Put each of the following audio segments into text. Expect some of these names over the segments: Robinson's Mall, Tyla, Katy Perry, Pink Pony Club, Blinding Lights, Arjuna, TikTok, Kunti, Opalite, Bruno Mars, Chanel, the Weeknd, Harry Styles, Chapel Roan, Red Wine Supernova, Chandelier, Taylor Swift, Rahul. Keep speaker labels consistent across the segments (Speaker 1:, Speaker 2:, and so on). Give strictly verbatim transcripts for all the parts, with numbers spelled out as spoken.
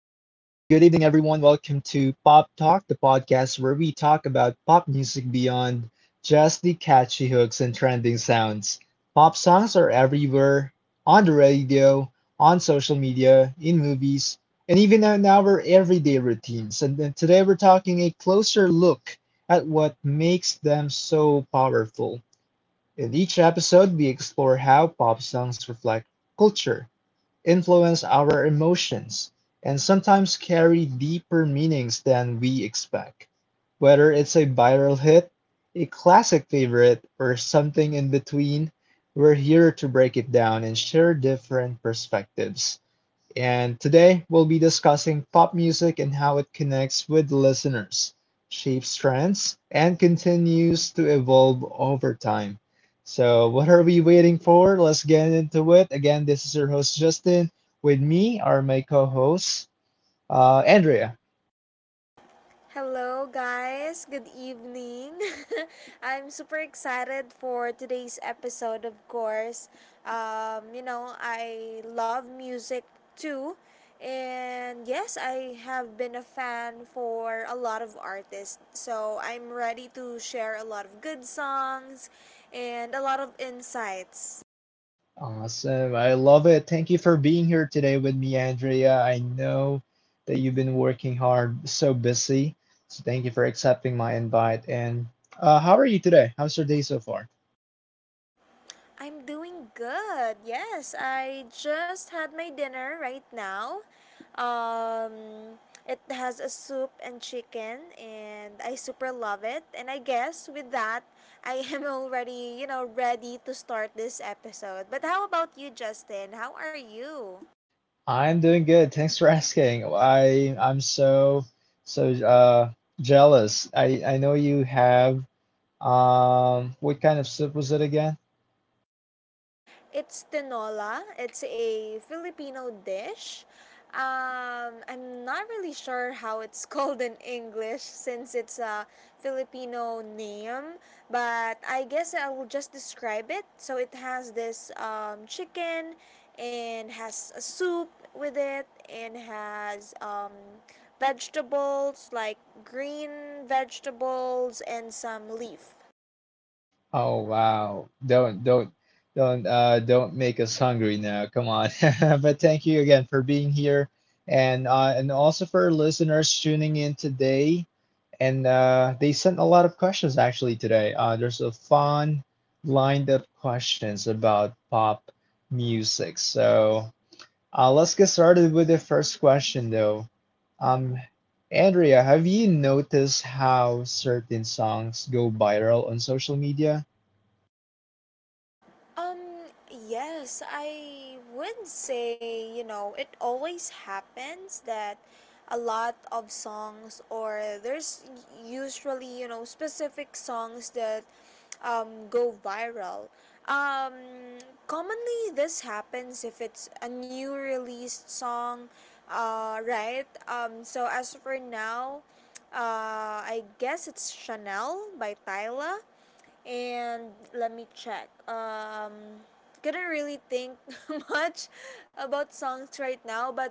Speaker 1: good evening, everyone. Welcome to Pop Talk, the podcast where we talk about pop music beyond just the catchy hooks and trending sounds. Pop songs are everywhere on the radio, on social media, in movies, and even in our everyday routines. And then today we're talking a closer look at what makes them so powerful. In each episode, we explore how pop songs reflect culture, influence our emotions, and sometimes carry deeper meanings than we expect. Whether it's a viral hit, a classic favorite, or something in between, we're here to break it down and share different perspectives. And today we'll be discussing pop music and how it connects with listeners, shapes trends, and continues to evolve over time. So, what are we waiting for? Let's get into it. Again, this is your host, Justin. With me are my co hosts, uh, Andrea.
Speaker 2: Hello, guys. Good evening. I'm super excited for today's episode, of course. Um, you know, I love music too. And yes, I have been a fan for a lot of artists. So I'm ready to share a lot of good songs and a lot of insights.
Speaker 1: Awesome. I love it. Thank you for being here today with me, Andrea. I know that you've been working hard, so busy. So, thank you for accepting my invite. And uh, how are you today? How's your day so far?
Speaker 2: I'm doing good. Yes, I just had my dinner right now. Um, it has a soup and chicken, and I super love it. And I guess with that, I am already, you know, ready to start this episode. But how about you, Justin? How are you?
Speaker 1: I'm doing good. Thanks for asking. I I'm so so uh jealous. I I know you have um what kind of soup was it again?
Speaker 2: It's tinola. It's a Filipino dish. Um, I'm not really sure how it's called in English since it's a Filipino name, but I guess I will just describe it. So it has this um, chicken and has a soup with it and has um, vegetables like green vegetables and some leaf.
Speaker 1: Oh wow. Don't don't don't uh don't make us hungry now. Come on. But thank you again for being here and uh and also for our listeners tuning in today. And uh they sent a lot of questions actually today. Uh there's a fun lined up questions about pop music. So Uh, let's get started with the first question, though. Um, Andrea, have you noticed how certain songs go viral on social media?
Speaker 2: Um, yes, I would say, you know, it always happens that a lot of songs or there's usually, you know, specific songs that um, go viral. Um, Commonly, this happens if it's a new released song, uh, right? Um, so as for now, uh, I guess it's Chanel by Tyla, and let me check. Um, couldn't really think much about songs right now, but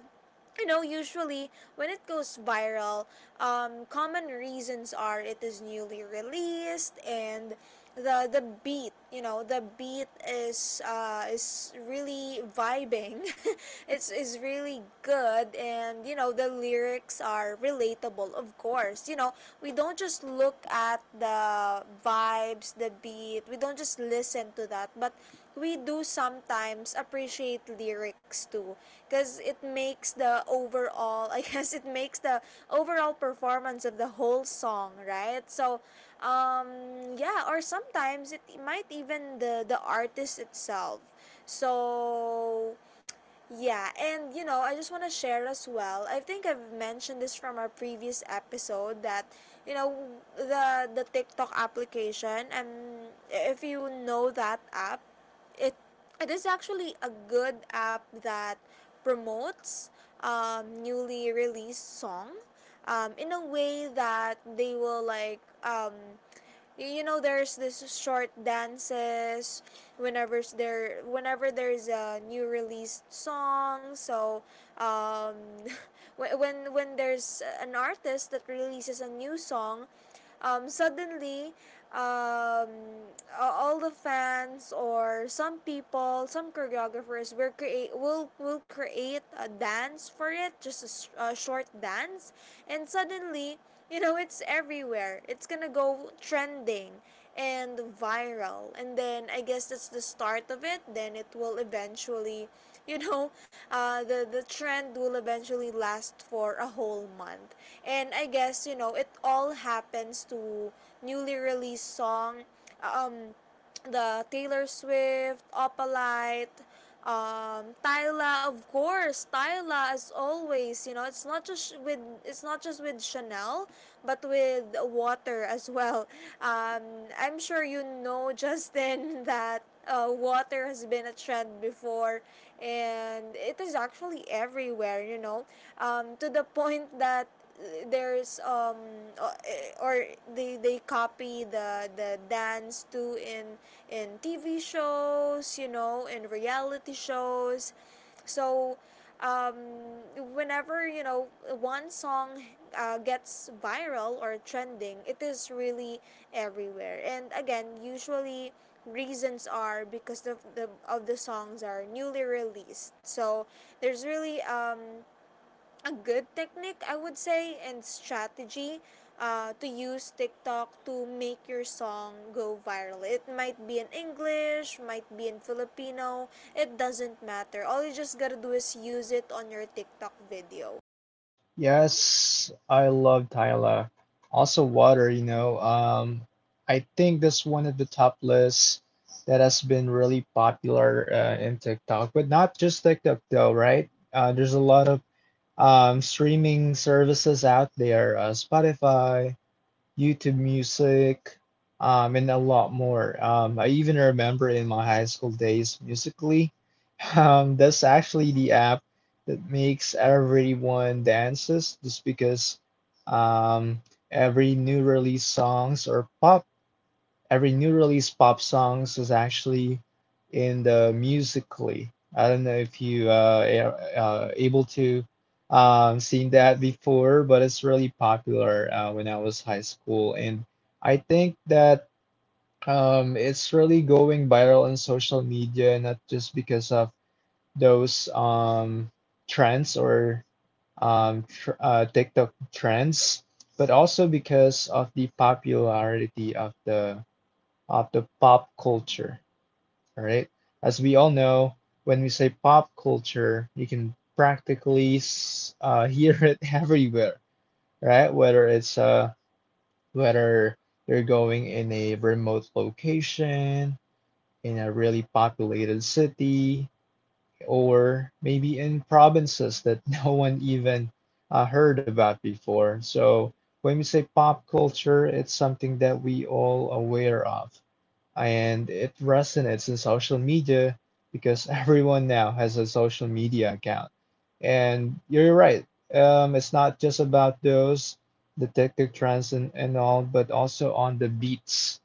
Speaker 2: you know, usually when it goes viral, um, common reasons are it is newly released and the the beat, you know, the beat is uh, is really vibing. It's is really good, and you know the lyrics are relatable, of course. You know, we don't just look at the vibes, the beat. We don't just listen to that, but we do sometimes appreciate lyrics too because it makes the overall I guess it makes the overall performance of the whole song, right? so um yeah, or sometimes it might even the the artist itself. So yeah, and you know, I just want to share as well. I think I've mentioned this from our previous episode that you know the the TikTok application. Um, if you know that app, it it is actually a good app that promotes um, newly released song um, in a way that they will like um, you know there's this short dances whenever there whenever there's a new released song. so um when when when there's an artist that releases a new song, um suddenly, um all the fans or some people, some choreographers will create will will create a dance for it, just a a short dance, and suddenly you know it's everywhere, it's gonna go trending and viral, and then I guess that's the start of it. Then it will eventually, you know, uh, the the trend will eventually last for a whole month. And I guess you know it all happens to newly released song. um the Taylor Swift, Opalite, um, Tyla, of course, Tyla as always. You know, it's not just with it's not just with Chanel, but with Water as well. Um, I'm sure you know Justin that uh, Water has been a trend before, and it is actually everywhere. You know, um, to the point that there's um o- eh, or they they copy the the dance too in in T V shows, you know, in reality shows. So um Whenever, you know, one song uh, gets viral or trending, it is really everywhere. And again, usually reasons are because of the of the songs are newly released. So there's really um a good technique, I would say, and strategy uh, to use TikTok to make your song go viral. It might be in English, might be in Filipino, it doesn't matter. All you just gotta do is use it on your TikTok video.
Speaker 1: Yes, I love Tyla. Also, Water, you know. Um, I think that's one of the top lists that has been really popular uh, in TikTok, but not just TikTok, though, right? Uh, there's a lot of um, streaming services out there, uh, Spotify, YouTube Music, um, and a lot more. Um, I even remember in my high school days, Musically. Um, that's actually the app that makes everyone dances just because um, every new release songs are pop every new release pop songs is actually in the musically. I don't know if you uh, are uh, able to um, seen that before, but it's really popular uh, when I was high school, and I think that um, it's really going viral on social media, not just because of those um, trends or um, tr uh, TikTok trends, but also because of the popularity of the of the pop culture. All right. As we all know, when we say pop culture, you can practically uh, hear it everywhere, right? Whether it's uh, whether you're going in a remote location, in a really populated city, or maybe in provinces that no one even uh, heard about before. So when we say pop culture, it's something that we all aware of and it resonates in social media because everyone now has a social media account. And you're right. Um, it's not just about those, the TikTok trends and, and all, but also on the beats.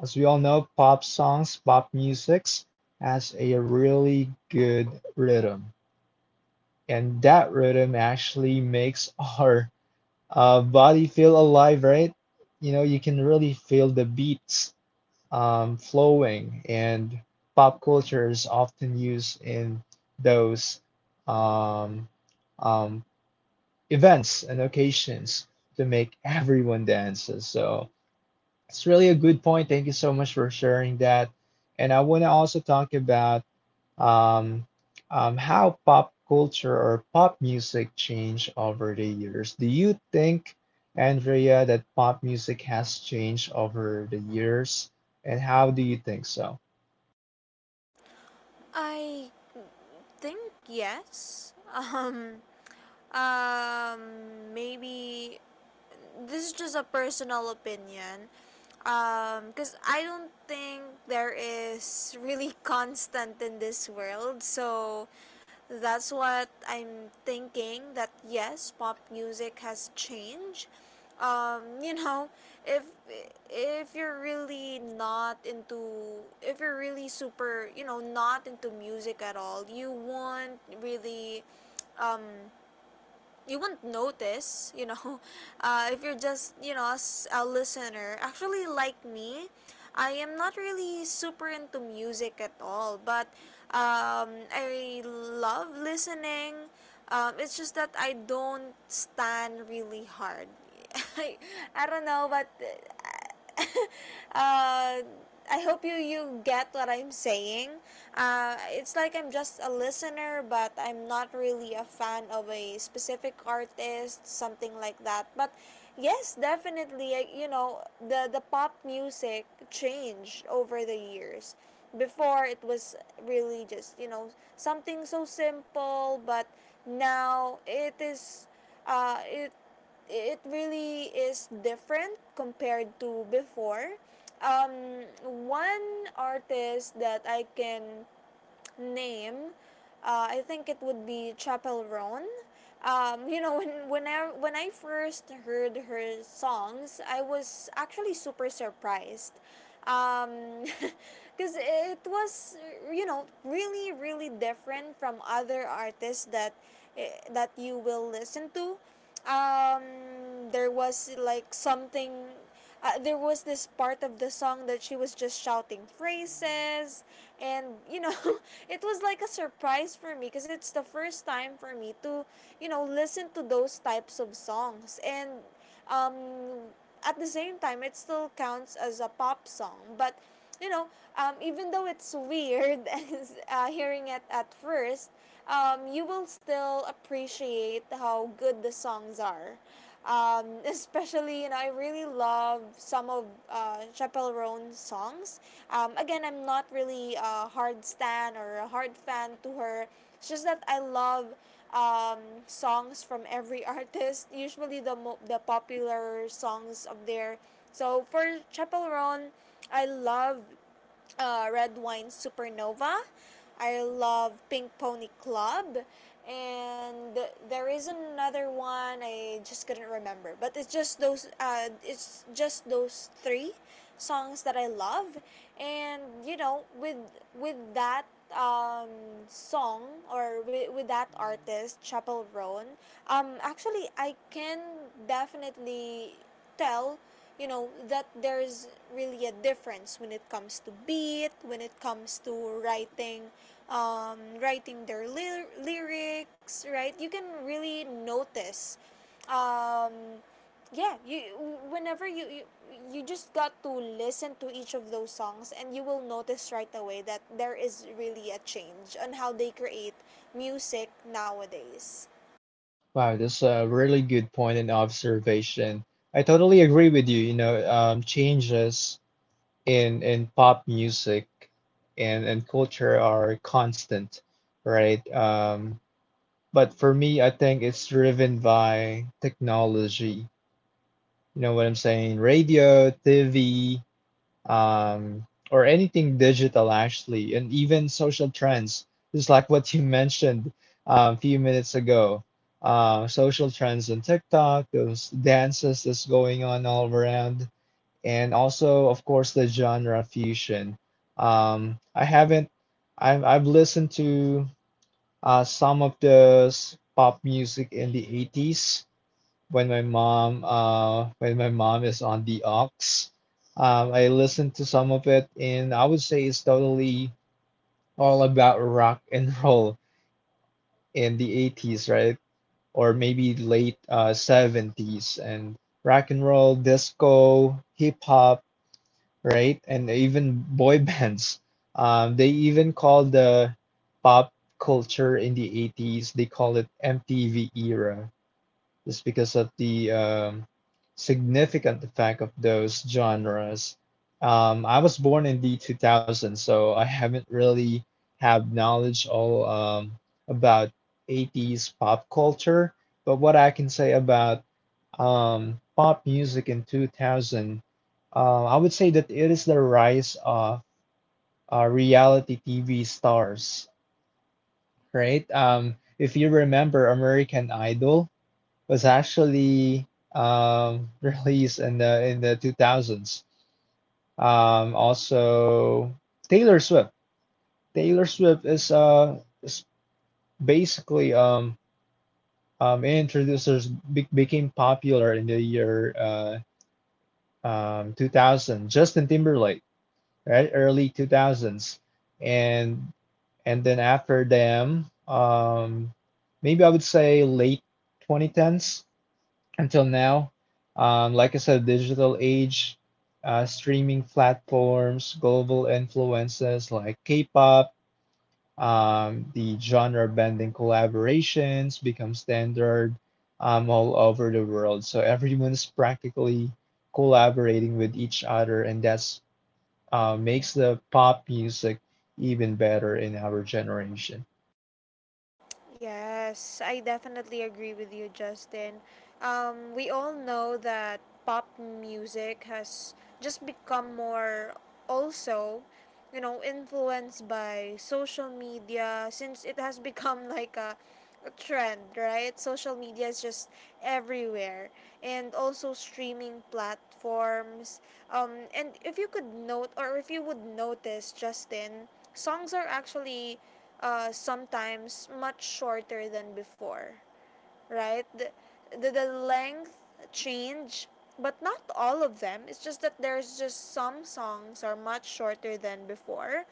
Speaker 1: As we all know, pop songs, pop musics has a really good rhythm. And that rhythm actually makes our uh, body feel alive, right? You know, you can really feel the beats um, flowing, and pop culture is often used in those um, um, events and occasions to make everyone dance. So it's really a good point. Thank you so much for sharing that. And I want to also talk about um, um, how pop culture or pop music changed over the years. Do you think, Andrea, that pop music has changed over the years? And how do you think so?
Speaker 2: I think yes. Um, um, Maybe this is just a personal opinion. Because um, I don't think there is really constant in this world. So that's what I'm thinking, that yes, pop music has changed. Um, you know, if if you're really not into if you're really super, you know, not into music at all, you won't really um you won't notice, you know, uh, if you're just, you know, a listener. Actually, like me, I am not really super into music at all, but um, I love listening. Um, it's just that I don't stand really hard. I, I don't know, but uh, uh, I hope you you get what I'm saying. Uh, it's like I'm just a listener, but I'm not really a fan of a specific artist, something like that. But yes, definitely, I, you know, the the pop music changed over the years. Before it was really just you know something so simple, but now it is, uh, it it really is different compared to before. Um, One artist that I can name, uh, I think it would be Chapel Roan. Um, you know, when when I when I first heard her songs, I was actually super surprised, because it was you know really really different from other artists that eh, that you will listen to. Um, there was like something uh, there was this part of the song that she was just shouting phrases, and you know it was like a surprise for me because it's the first time for me to you know listen to those types of songs. And um at the same time it still counts as a pop song, but you know, um, even though it's weird as, uh, hearing it at first, um, you will still appreciate how good the songs are, um, especially, you know, I really love some of uh, Chappell Roan's songs. Um, again, I'm not really a hard stan or a hard fan to her. It's just that I love um, songs from every artist, usually the, mo- the popular songs of their. So for Chappell Roan, I love uh, Red Wine Supernova. I love Pink Pony Club. And there is another one I just couldn't remember, but it's just those uh, it's just those three songs that I love. And you know with with that um, song or with, with that artist Chapel Roan, um, actually I can definitely tell you know that there's really a difference when it comes to beat, when it comes to writing, um, writing their ly- lyrics, right? You can really notice, um, yeah, you whenever you, you you just got to listen to each of those songs and you will notice right away that there is really a change on how they create music nowadays.
Speaker 1: Wow, that's a really good point and observation. I totally agree with you. You know, um, changes in in pop music and and culture are constant, right? Um, but for me, I think it's driven by technology. You know what I'm saying? Radio, T V, um, or anything digital actually, and even social trends, just like what you mentioned uh, a few minutes ago. Uh, social trends on TikTok, those dances that's going on all around, and also, of course, the genre fusion. Um, I haven't, I've, I've listened to uh, some of the pop music in the eighties when my mom uh when my mom is on the aux. Um, I listen to some of it, and I would say it's totally all about rock and roll in the eighties, right? Or maybe late uh, seventies, and rock and roll, disco, hip hop, right? And even boy bands. Um, they even call the pop culture in the eighties, they call it M T V era, is because of the um, significant effect of those genres. Um, I was born in the two thousands, so I haven't really have knowledge all um, about eighties pop culture. But what I can say about um, pop music in two thousand, uh, I would say that it is the rise of uh, reality T V stars, right? Um, if you remember American Idol, was actually um, released in the in the two thousands. Um, also, Taylor Swift. Taylor Swift is uh is basically um um introducers be- became popular in the year uh um two thousand. Justin Timberlake, right, early two thousands, and and then after them, um, maybe I would say late twenty tens, until now. Um, like I said, digital age, uh, streaming platforms, global influences like K-pop, um, the genre-bending collaborations become standard um, all over the world. So everyone's practically collaborating with each other, and that's uh, makes the pop music even better in our generation.
Speaker 2: Yes, I definitely agree with you, Justin. Um, we all know that pop music has just become more also, you know, influenced by social media since it has become like a trend, right? Social media is just everywhere, and also streaming platforms. Um, and if you could note, or if you would notice, Justin, songs are actually uh, sometimes much shorter than before, right? The, the, the length change, but not all of them. It's just that there's just some songs are much shorter than before.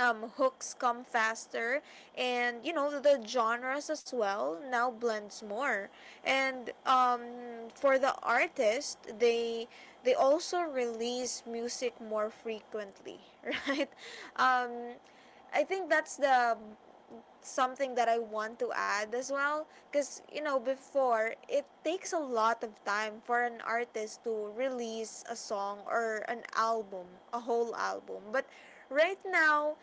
Speaker 2: um, Hooks come faster, and you know the genres as well now blends more, and um, for the artist, they they also release music more frequently. Right? um, I think that's the something that I want to add as well, because you know before it takes a lot of time for an artist to release a song or an album, a whole album. But right now,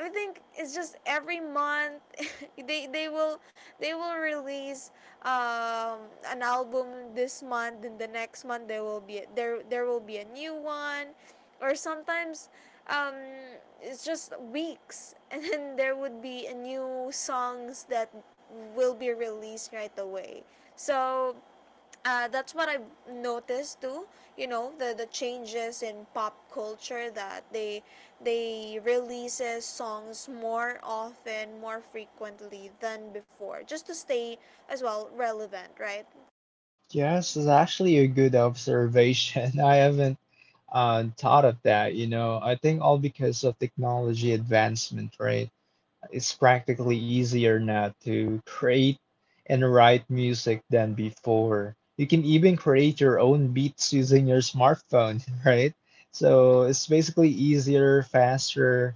Speaker 2: I think it's just every month they they will they will release um, an album this month, and the next month there will be there there will be a new one, or sometimes um, it's just weeks, and then there would be a new songs that will be released right away. So uh, that's what I noticed too. You know the the changes in pop culture, that they they releases songs more often, more frequently than before, just to stay as well relevant, right?
Speaker 1: Yes, it's actually a good observation. I haven't uh, thought of that, you know. I think all because of technology advancement, right? It's practically easier now to create and write music than before. You can even create your own beats using your smartphone, right? So it's basically easier, faster,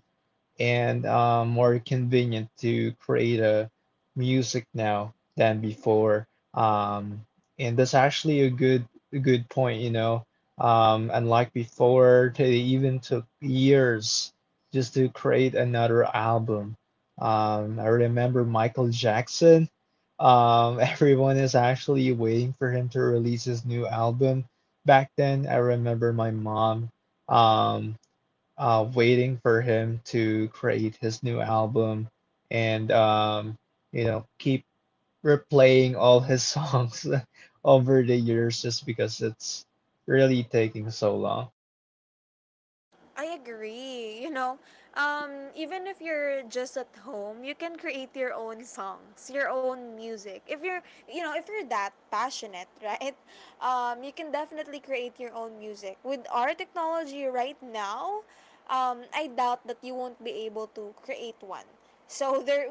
Speaker 1: and um, more convenient to create a music now than before. Um, and that's actually a good a good point, you know. Um, unlike before, they even took years just to create another album. Um, I remember Michael Jackson. Um, everyone is actually waiting for him to release his new album. Back then, I remember my mom. Um, uh, waiting for him to create his new album and um, you know keep replaying all his songs over the years just because it's really taking so long.
Speaker 2: I agree. You know, um, even if you're just at home, you can create your own songs, your own music. If you're, you know, if you're that passionate, right? Um, you can definitely create your own music. With our technology right now, um, I doubt that you won't be able to create one. So there,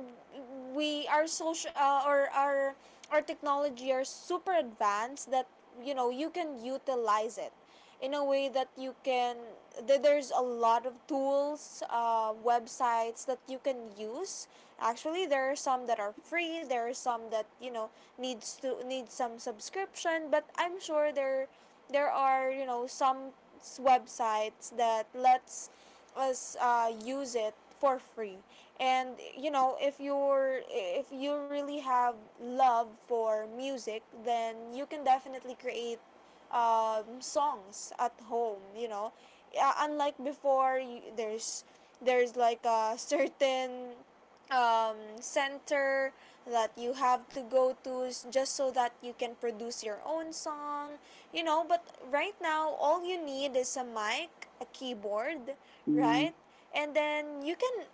Speaker 2: we our social uh, or our our technology are super advanced that you know you can utilize it in a way that you can that there's a lot of tools uh, websites that you can use. Actually there are some that are free, there are some that you know needs to need some subscription, but I'm sure there there are you know some websites that lets us uh, use it for free. And you know if you're if you really have love for music, then you can definitely create um, songs at home you know Uh, unlike before, y- there's there's like a certain um, center that you have to go to s- just so that you can produce your own song, you know. But right now all you need is a mic, a keyboard. Mm-hmm. Right, and then you can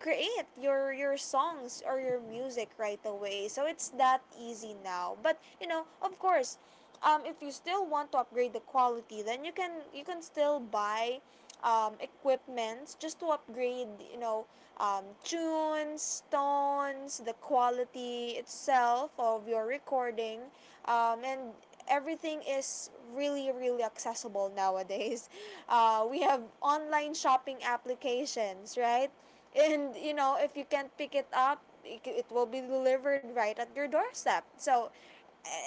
Speaker 2: create your your songs or your music right away. So it's that easy now. But you know, of course, um, if you still want to upgrade the quality, then you can you can still buy um, equipments just to upgrade, you know um, tunes tones, the quality itself of your recording. Um, and everything is really, really accessible nowadays. Uh, we have online shopping applications, right? And you know if you can't pick it up, it it will be delivered right at your doorstep. So,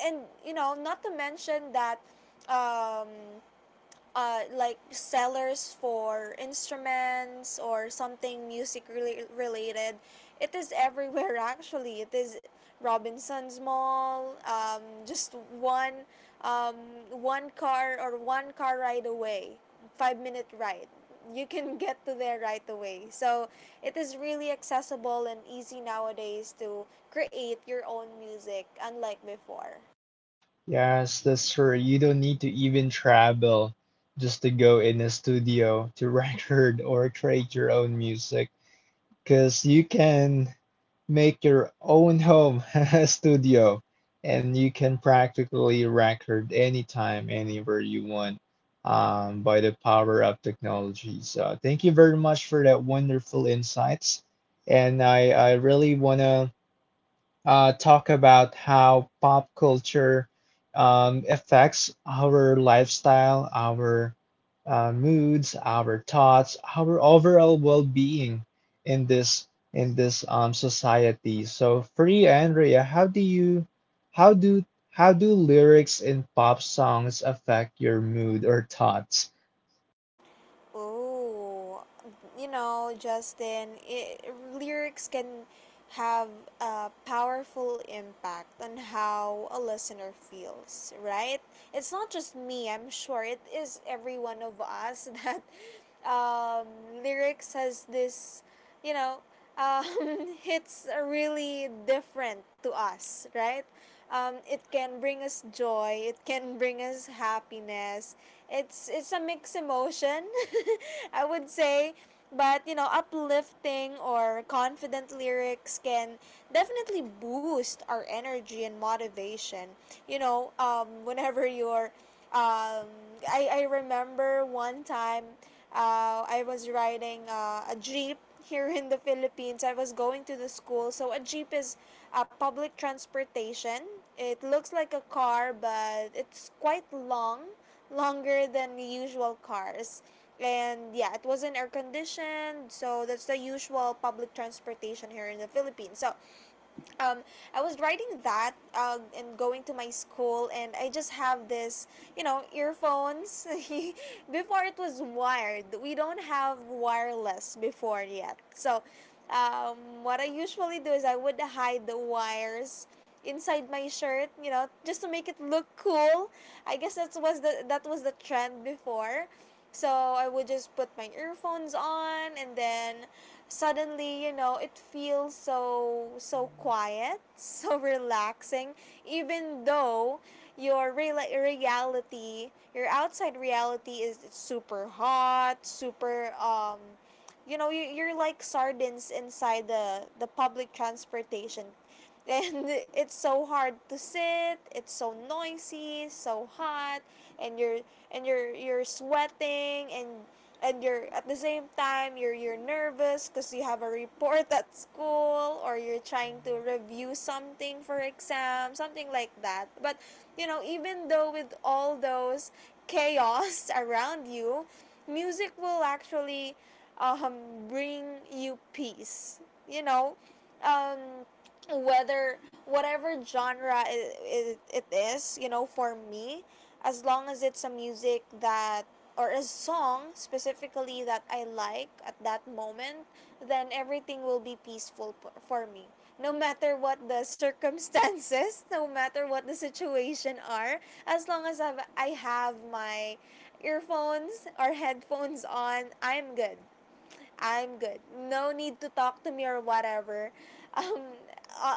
Speaker 2: and you know not to mention that um, uh, like sellers for instruments or something music rela- related. It is everywhere actually. It is Robinson's Mall. Um, just one um, one car or one car ride away, five minute ride. You can get to there right away. So it is really accessible and easy nowadays to create your own music, unlike before.
Speaker 1: Yes, that's true. You don't need to even travel just to go in a studio to record or create your own music because you can make your own home studio and you can practically record anytime, anywhere you want um, by the power of technology. So thank you very much for that wonderful insights. And I, I really want to uh, talk about how pop culture um, affects our lifestyle, our uh, moods, our thoughts, our overall well-being in this in this um, society. So, free Andrea, how do you how do how do lyrics in pop songs affect your mood or thoughts?
Speaker 2: Oh, you know, Justin, It lyrics can have a powerful impact on how a listener feels, right? It's not just me, I'm sure it is every one of us that um, lyrics has this, you know, um, it's really different to us, right? Um, it can bring us joy. It can bring us happiness. It's it's a mixed emotion, I would say. But you know, uplifting or confident lyrics can definitely boost our energy and motivation. You know, um, whenever you're, um, I I remember one time, uh, I was riding uh, a jeep here in the Philippines. I was going to the school. So a jeep is a uh, public transportation. It looks like a car, but it's quite long, longer than the usual cars. And yeah, it wasn't air conditioned, so that's the usual public transportation here in the Philippines. So um, I was riding that uh, and going to my school, and I just have this, you know, earphones. Before it was wired, we don't have wireless before yet. So, um, what I usually do is I would hide the wires inside my shirt, you know, just to make it look cool. I guess that was the that was the trend before. So I would just put my earphones on and then suddenly, you know, it feels so so quiet, so relaxing, even though your real- reality, your outside reality is super hot, super um you know, you, you're like sardines inside the the public transportation. And it's so hard to sit, it's so noisy, so hot, and you're and you're you're sweating, and and you're at the same time, you're you're nervous because you have a report at school, or you're trying to review something for exam, something like that. But you know, even though with all those chaos around you, music will actually um, bring you peace. You know, um, whether whatever genre it, it, it is, you know, for me, as long as it's a music that or a song specifically that I like at that moment, then everything will be peaceful, p- for me, no matter what the circumstances, no matter what the situation are. As long as I've, I have my earphones or headphones on, i'm good I'm good. No need to talk to me or whatever. Um,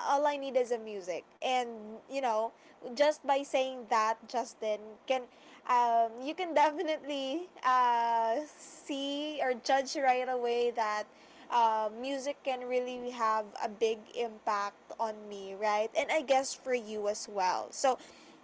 Speaker 2: all I need is a music. And you know, just by saying that, Justin can, um, you can definitely uh, see or judge right away that uh, music can really have a big impact on me, right? And I guess for you as well. So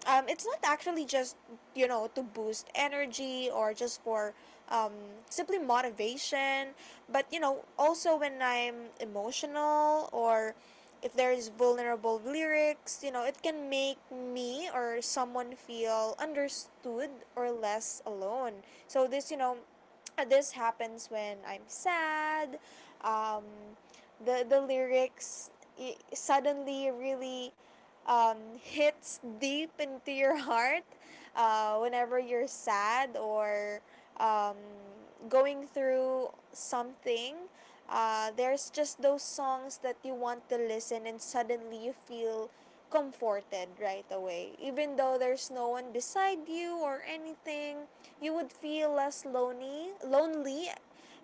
Speaker 2: um, it's not actually just you know to boost energy or just for um, simply motivation, but you know, also when I'm emotional, or if there is vulnerable lyrics, you know, it can make me or someone feel understood or less alone. So this you know this happens when I'm sad. um, the the lyrics i- suddenly really um, hits deep into your heart uh, whenever you're sad or um, going through something. Uh, there's just those songs that you want to listen, and suddenly you feel comforted right away. Even though there's no one beside you or anything, you would feel less lonely, lonely,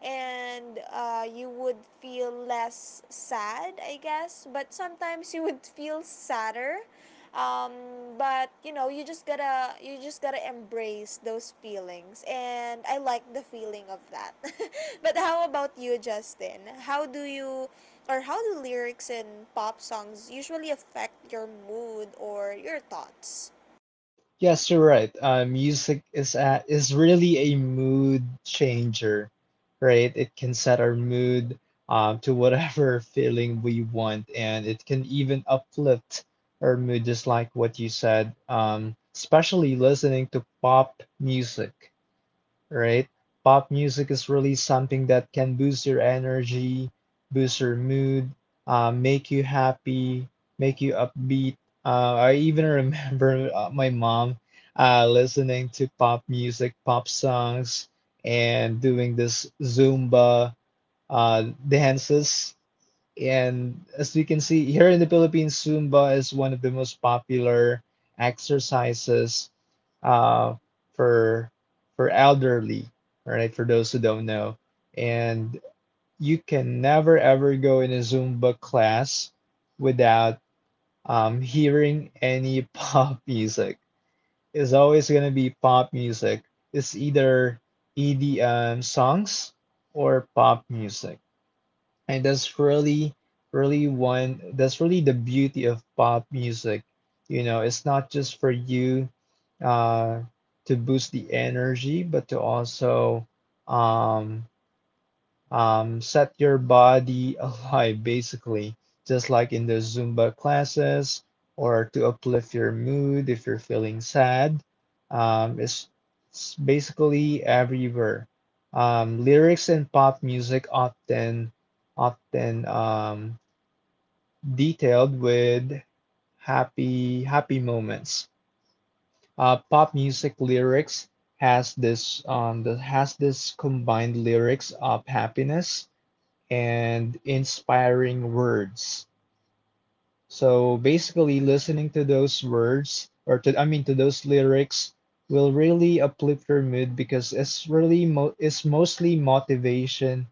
Speaker 2: and uh, you would feel less sad, I guess. But sometimes you would feel sadder. Um, but you know, you just gotta you just gotta embrace those feelings, and I like the feeling of that. But how about you, Justin? How do you, or how do lyrics in pop songs usually affect your mood or your thoughts?
Speaker 1: Yes, you're right. Uh, music is a, is really a mood changer, right? It can set our mood um, to whatever feeling we want, and it can even uplift our mood, just like what you said. Um, especially listening to pop music, right? Pop music is really something that can boost your energy, boost your mood, uh, make you happy, make you upbeat. Uh, I even remember uh, my mom uh, listening to pop music, pop songs, and doing this Zumba uh, dances. And as we can see here in the Philippines, Zumba is one of the most popular exercises uh, for for elderly, right? For those who don't know, and you can never ever go in a Zumba class without um, hearing any pop music. It's always gonna be pop music. It's either E D M songs or pop music. And that's really, really one, that's really the beauty of pop music. You know, it's not just for you uh, to boost the energy, but to also um, um, set your body alive, basically just like in the zumba classes, or to uplift your mood if you're feeling sad. um, it's, it's basically everywhere. Um, lyrics in pop music often often um, detailed with happy happy moments. Uh, pop music lyrics has this um, the, has this combined lyrics of happiness and inspiring words. So basically, listening to those words or to I mean to those lyrics will really uplift your mood because it's really mo- it's mostly motivation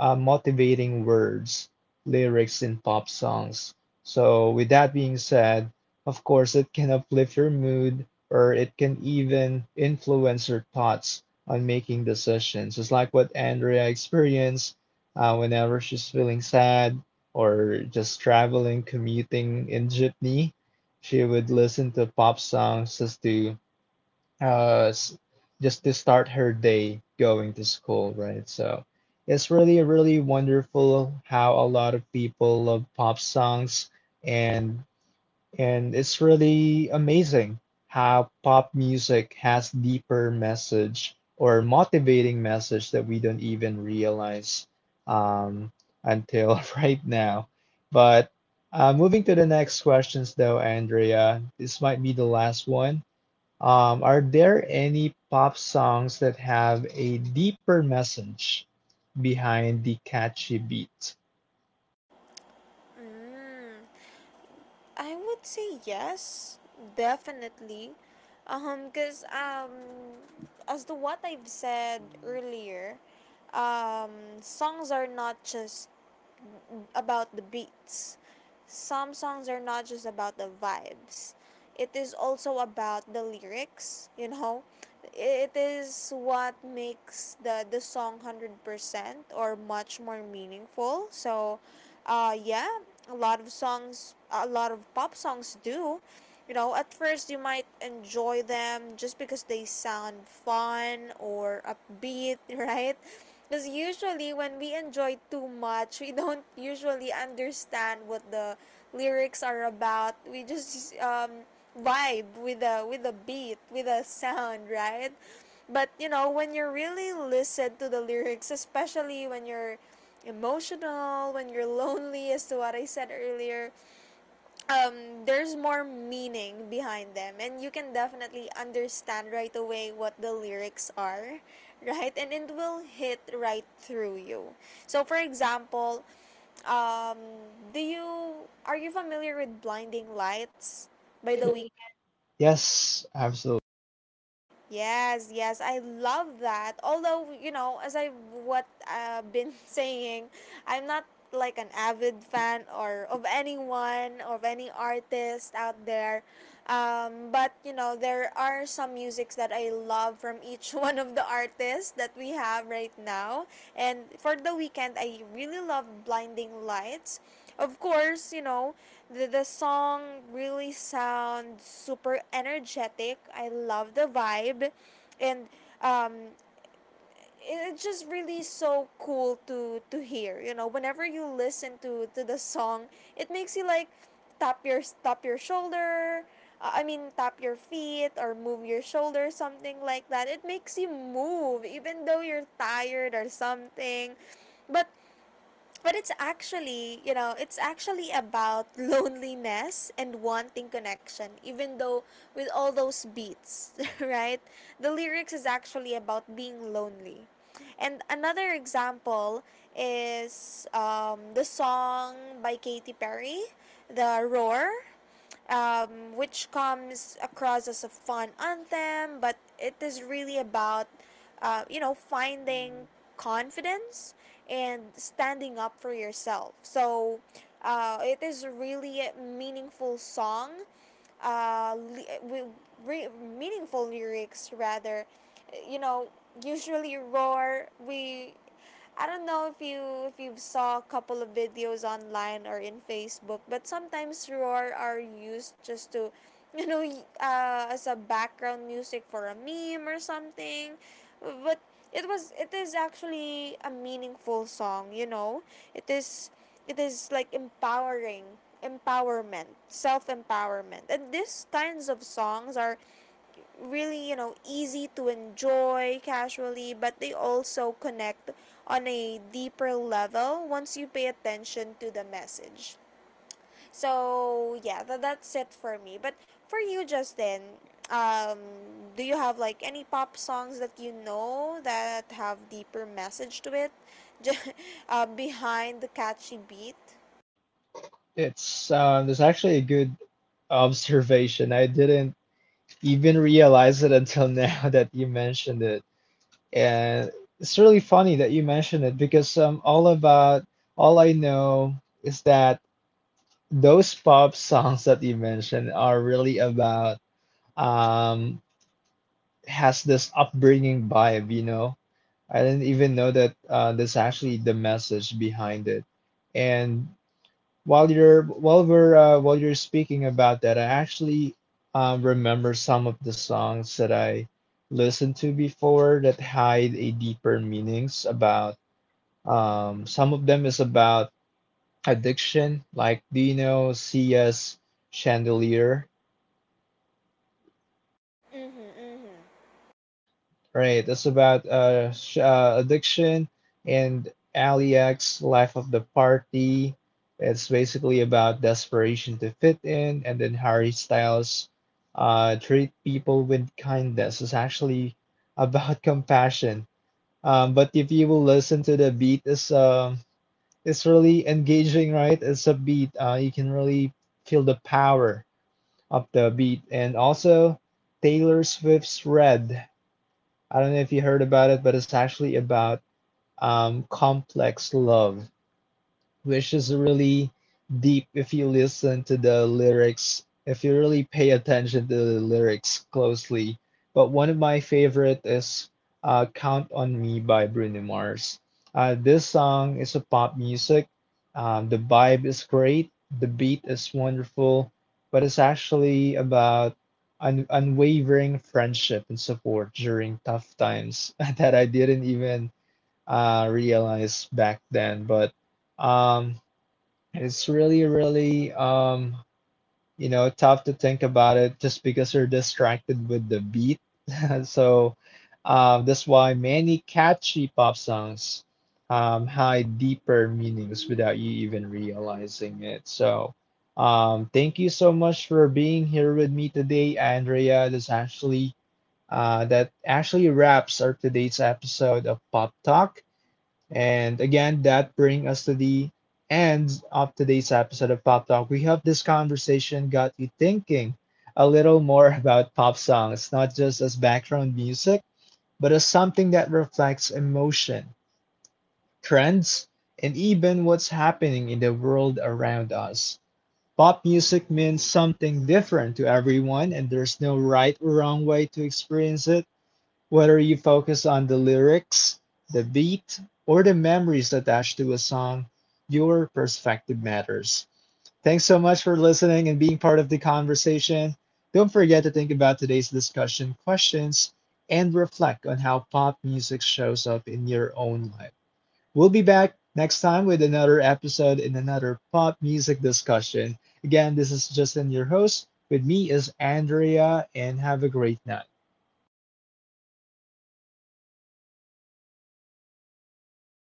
Speaker 1: uh, motivating words, lyrics in pop songs. So, with that being said, of course, it can uplift your mood or it can even influence your thoughts on making decisions. It's like what Andrea experienced uh, whenever she's feeling sad or just traveling, commuting in jeepney. She would listen to pop songs just to uh, s- just to start her day going to school, right? So it's really, really wonderful how a lot of people love pop songs and and it's really amazing how pop music has deeper message or motivating message that we don't even realize um, until right now. But uh, moving to the next questions though, Andrea, this might be the last one. Um, are there any pop songs that have a deeper message behind the catchy beat?
Speaker 2: Mm. I would say yes, definitely. Um, because um, as to what I've said earlier, um, songs are not just about the beats. Some songs are not just about the vibes. It is also about the lyrics, you know. It is what makes the the song one hundred percent or much more meaningful. So, uh, yeah, a lot of songs, a lot of pop songs do. You know, at first you might enjoy them just because they sound fun or upbeat, right? Because usually when we enjoy too much, we don't usually understand what the lyrics are about. We just um, vibe with the with the beat, with the sound, right? But you know, when you really listen to the lyrics, especially when you're emotional, when you're lonely, as to what I said earlier, um, there's more meaning behind them, and you can definitely understand right away what the lyrics are, right, and it will hit right through you. So for example, um, do you are you familiar with Blinding Lights by the Weeknd?
Speaker 1: Yes, absolutely.
Speaker 2: Yes, yes, I love that. Although, you know, as I what I've been saying, I'm not like an avid fan or of anyone of any artist out there. Um, but you know, there are some musics that I love from each one of the artists that we have right now. And for the Weekend, I really love Blinding Lights, of course. You know, the, the song really sounds super energetic. I love the vibe, and um it- it's just really so cool to to hear. You know, whenever you listen to to the song, it makes you like tap your tap your shoulder, uh, I mean tap your feet or move your shoulder, something like that. It makes you move even though you're tired or something. But but it's actually, you know, it's actually about loneliness and wanting connection. Even though with all those beats, right, the lyrics is actually about being lonely. And another example is um, the song by Katy Perry, the Roar, um, which comes across as a fun anthem, but it is really about, uh, you know, finding confidence and standing up for yourself. So, uh, it is really a meaningful song, uh, li- with re- meaningful lyrics rather. You know, usually Roar we I don't know if you if you saw a couple of videos online or in Facebook, but sometimes Roar are used just to, you know, y- uh, as a background music for a meme or something. But it was it is actually a meaningful song. You know, it is it is like empowering empowerment, self-empowerment, and these kinds of songs are really, you know, easy to enjoy casually, but they also connect on a deeper level once you pay attention to the message. So, yeah, tha that's it for me. But for you, Justin, um, do you have like any pop songs that you know that have deeper message to it? Ju- uh, Behind the catchy beat?
Speaker 1: It's um, there's actually a good observation. I didn't even realize it until now that you mentioned it. And it's really funny that you mentioned it because um, all about all I know is that those pop songs that you mentioned are really about um, has this upbringing vibe, you know. I didn't even know that uh, that's actually the message behind it. And while you're while we're uh, while you're speaking about that, I actually um, remember some of the songs that I listened to before that hide a deeper meanings about. Um, some of them is about addiction, like do you know Sia's Chandelier?
Speaker 2: Mm-hmm, mm-hmm.
Speaker 1: Right. It's about uh, sh- uh addiction and Aliak's life of the party. It's basically about desperation to fit in, and then Harry Styles uh treat people with kindness. It's actually about compassion. Um, but if you will listen to the beat, it's um it's really engaging, right? It's a beat. Uh, you can really feel the power of the beat, and also Taylor Swift's Red. I don't know if you heard about it, but it's actually about um, complex love which is really deep if you listen to the lyrics, if you really pay attention to the lyrics closely. But one of my favorite is uh, Count on Me by Bruno Mars. Uh, this song is a pop music. Um, the vibe is great, the beat is wonderful, but it's actually about un- unwavering friendship and support during tough times that I didn't even uh, realize back then. But um, it's really, really, um, you know, tough to think about it just because you're distracted with the beat. So, uh, that's why many catchy pop songs um, hide deeper meanings without you even realizing it. So, um, thank you so much for being here with me today, Andrea. That's actually uh, that actually wraps our today's episode of Pop Talk. And again, that brings us to the end of today's episode of Pop Talk. We hope this conversation got you thinking a little more about pop songs, not just as background music, but as something that reflects emotion, trends, and even what's happening in the world around us. Pop music means something different to everyone, and there's no right or wrong way to experience it. Whether you focus on the lyrics, the beat, or the memories attached to a song, your perspective matters. Thanks so much for listening and being part of the conversation. Don't forget to think about today's discussion questions and reflect on how pop music shows up in your own life. We'll be back next time with another episode and another pop music discussion. Again, this is Justin, your host. With me is Andrea, and have a great night.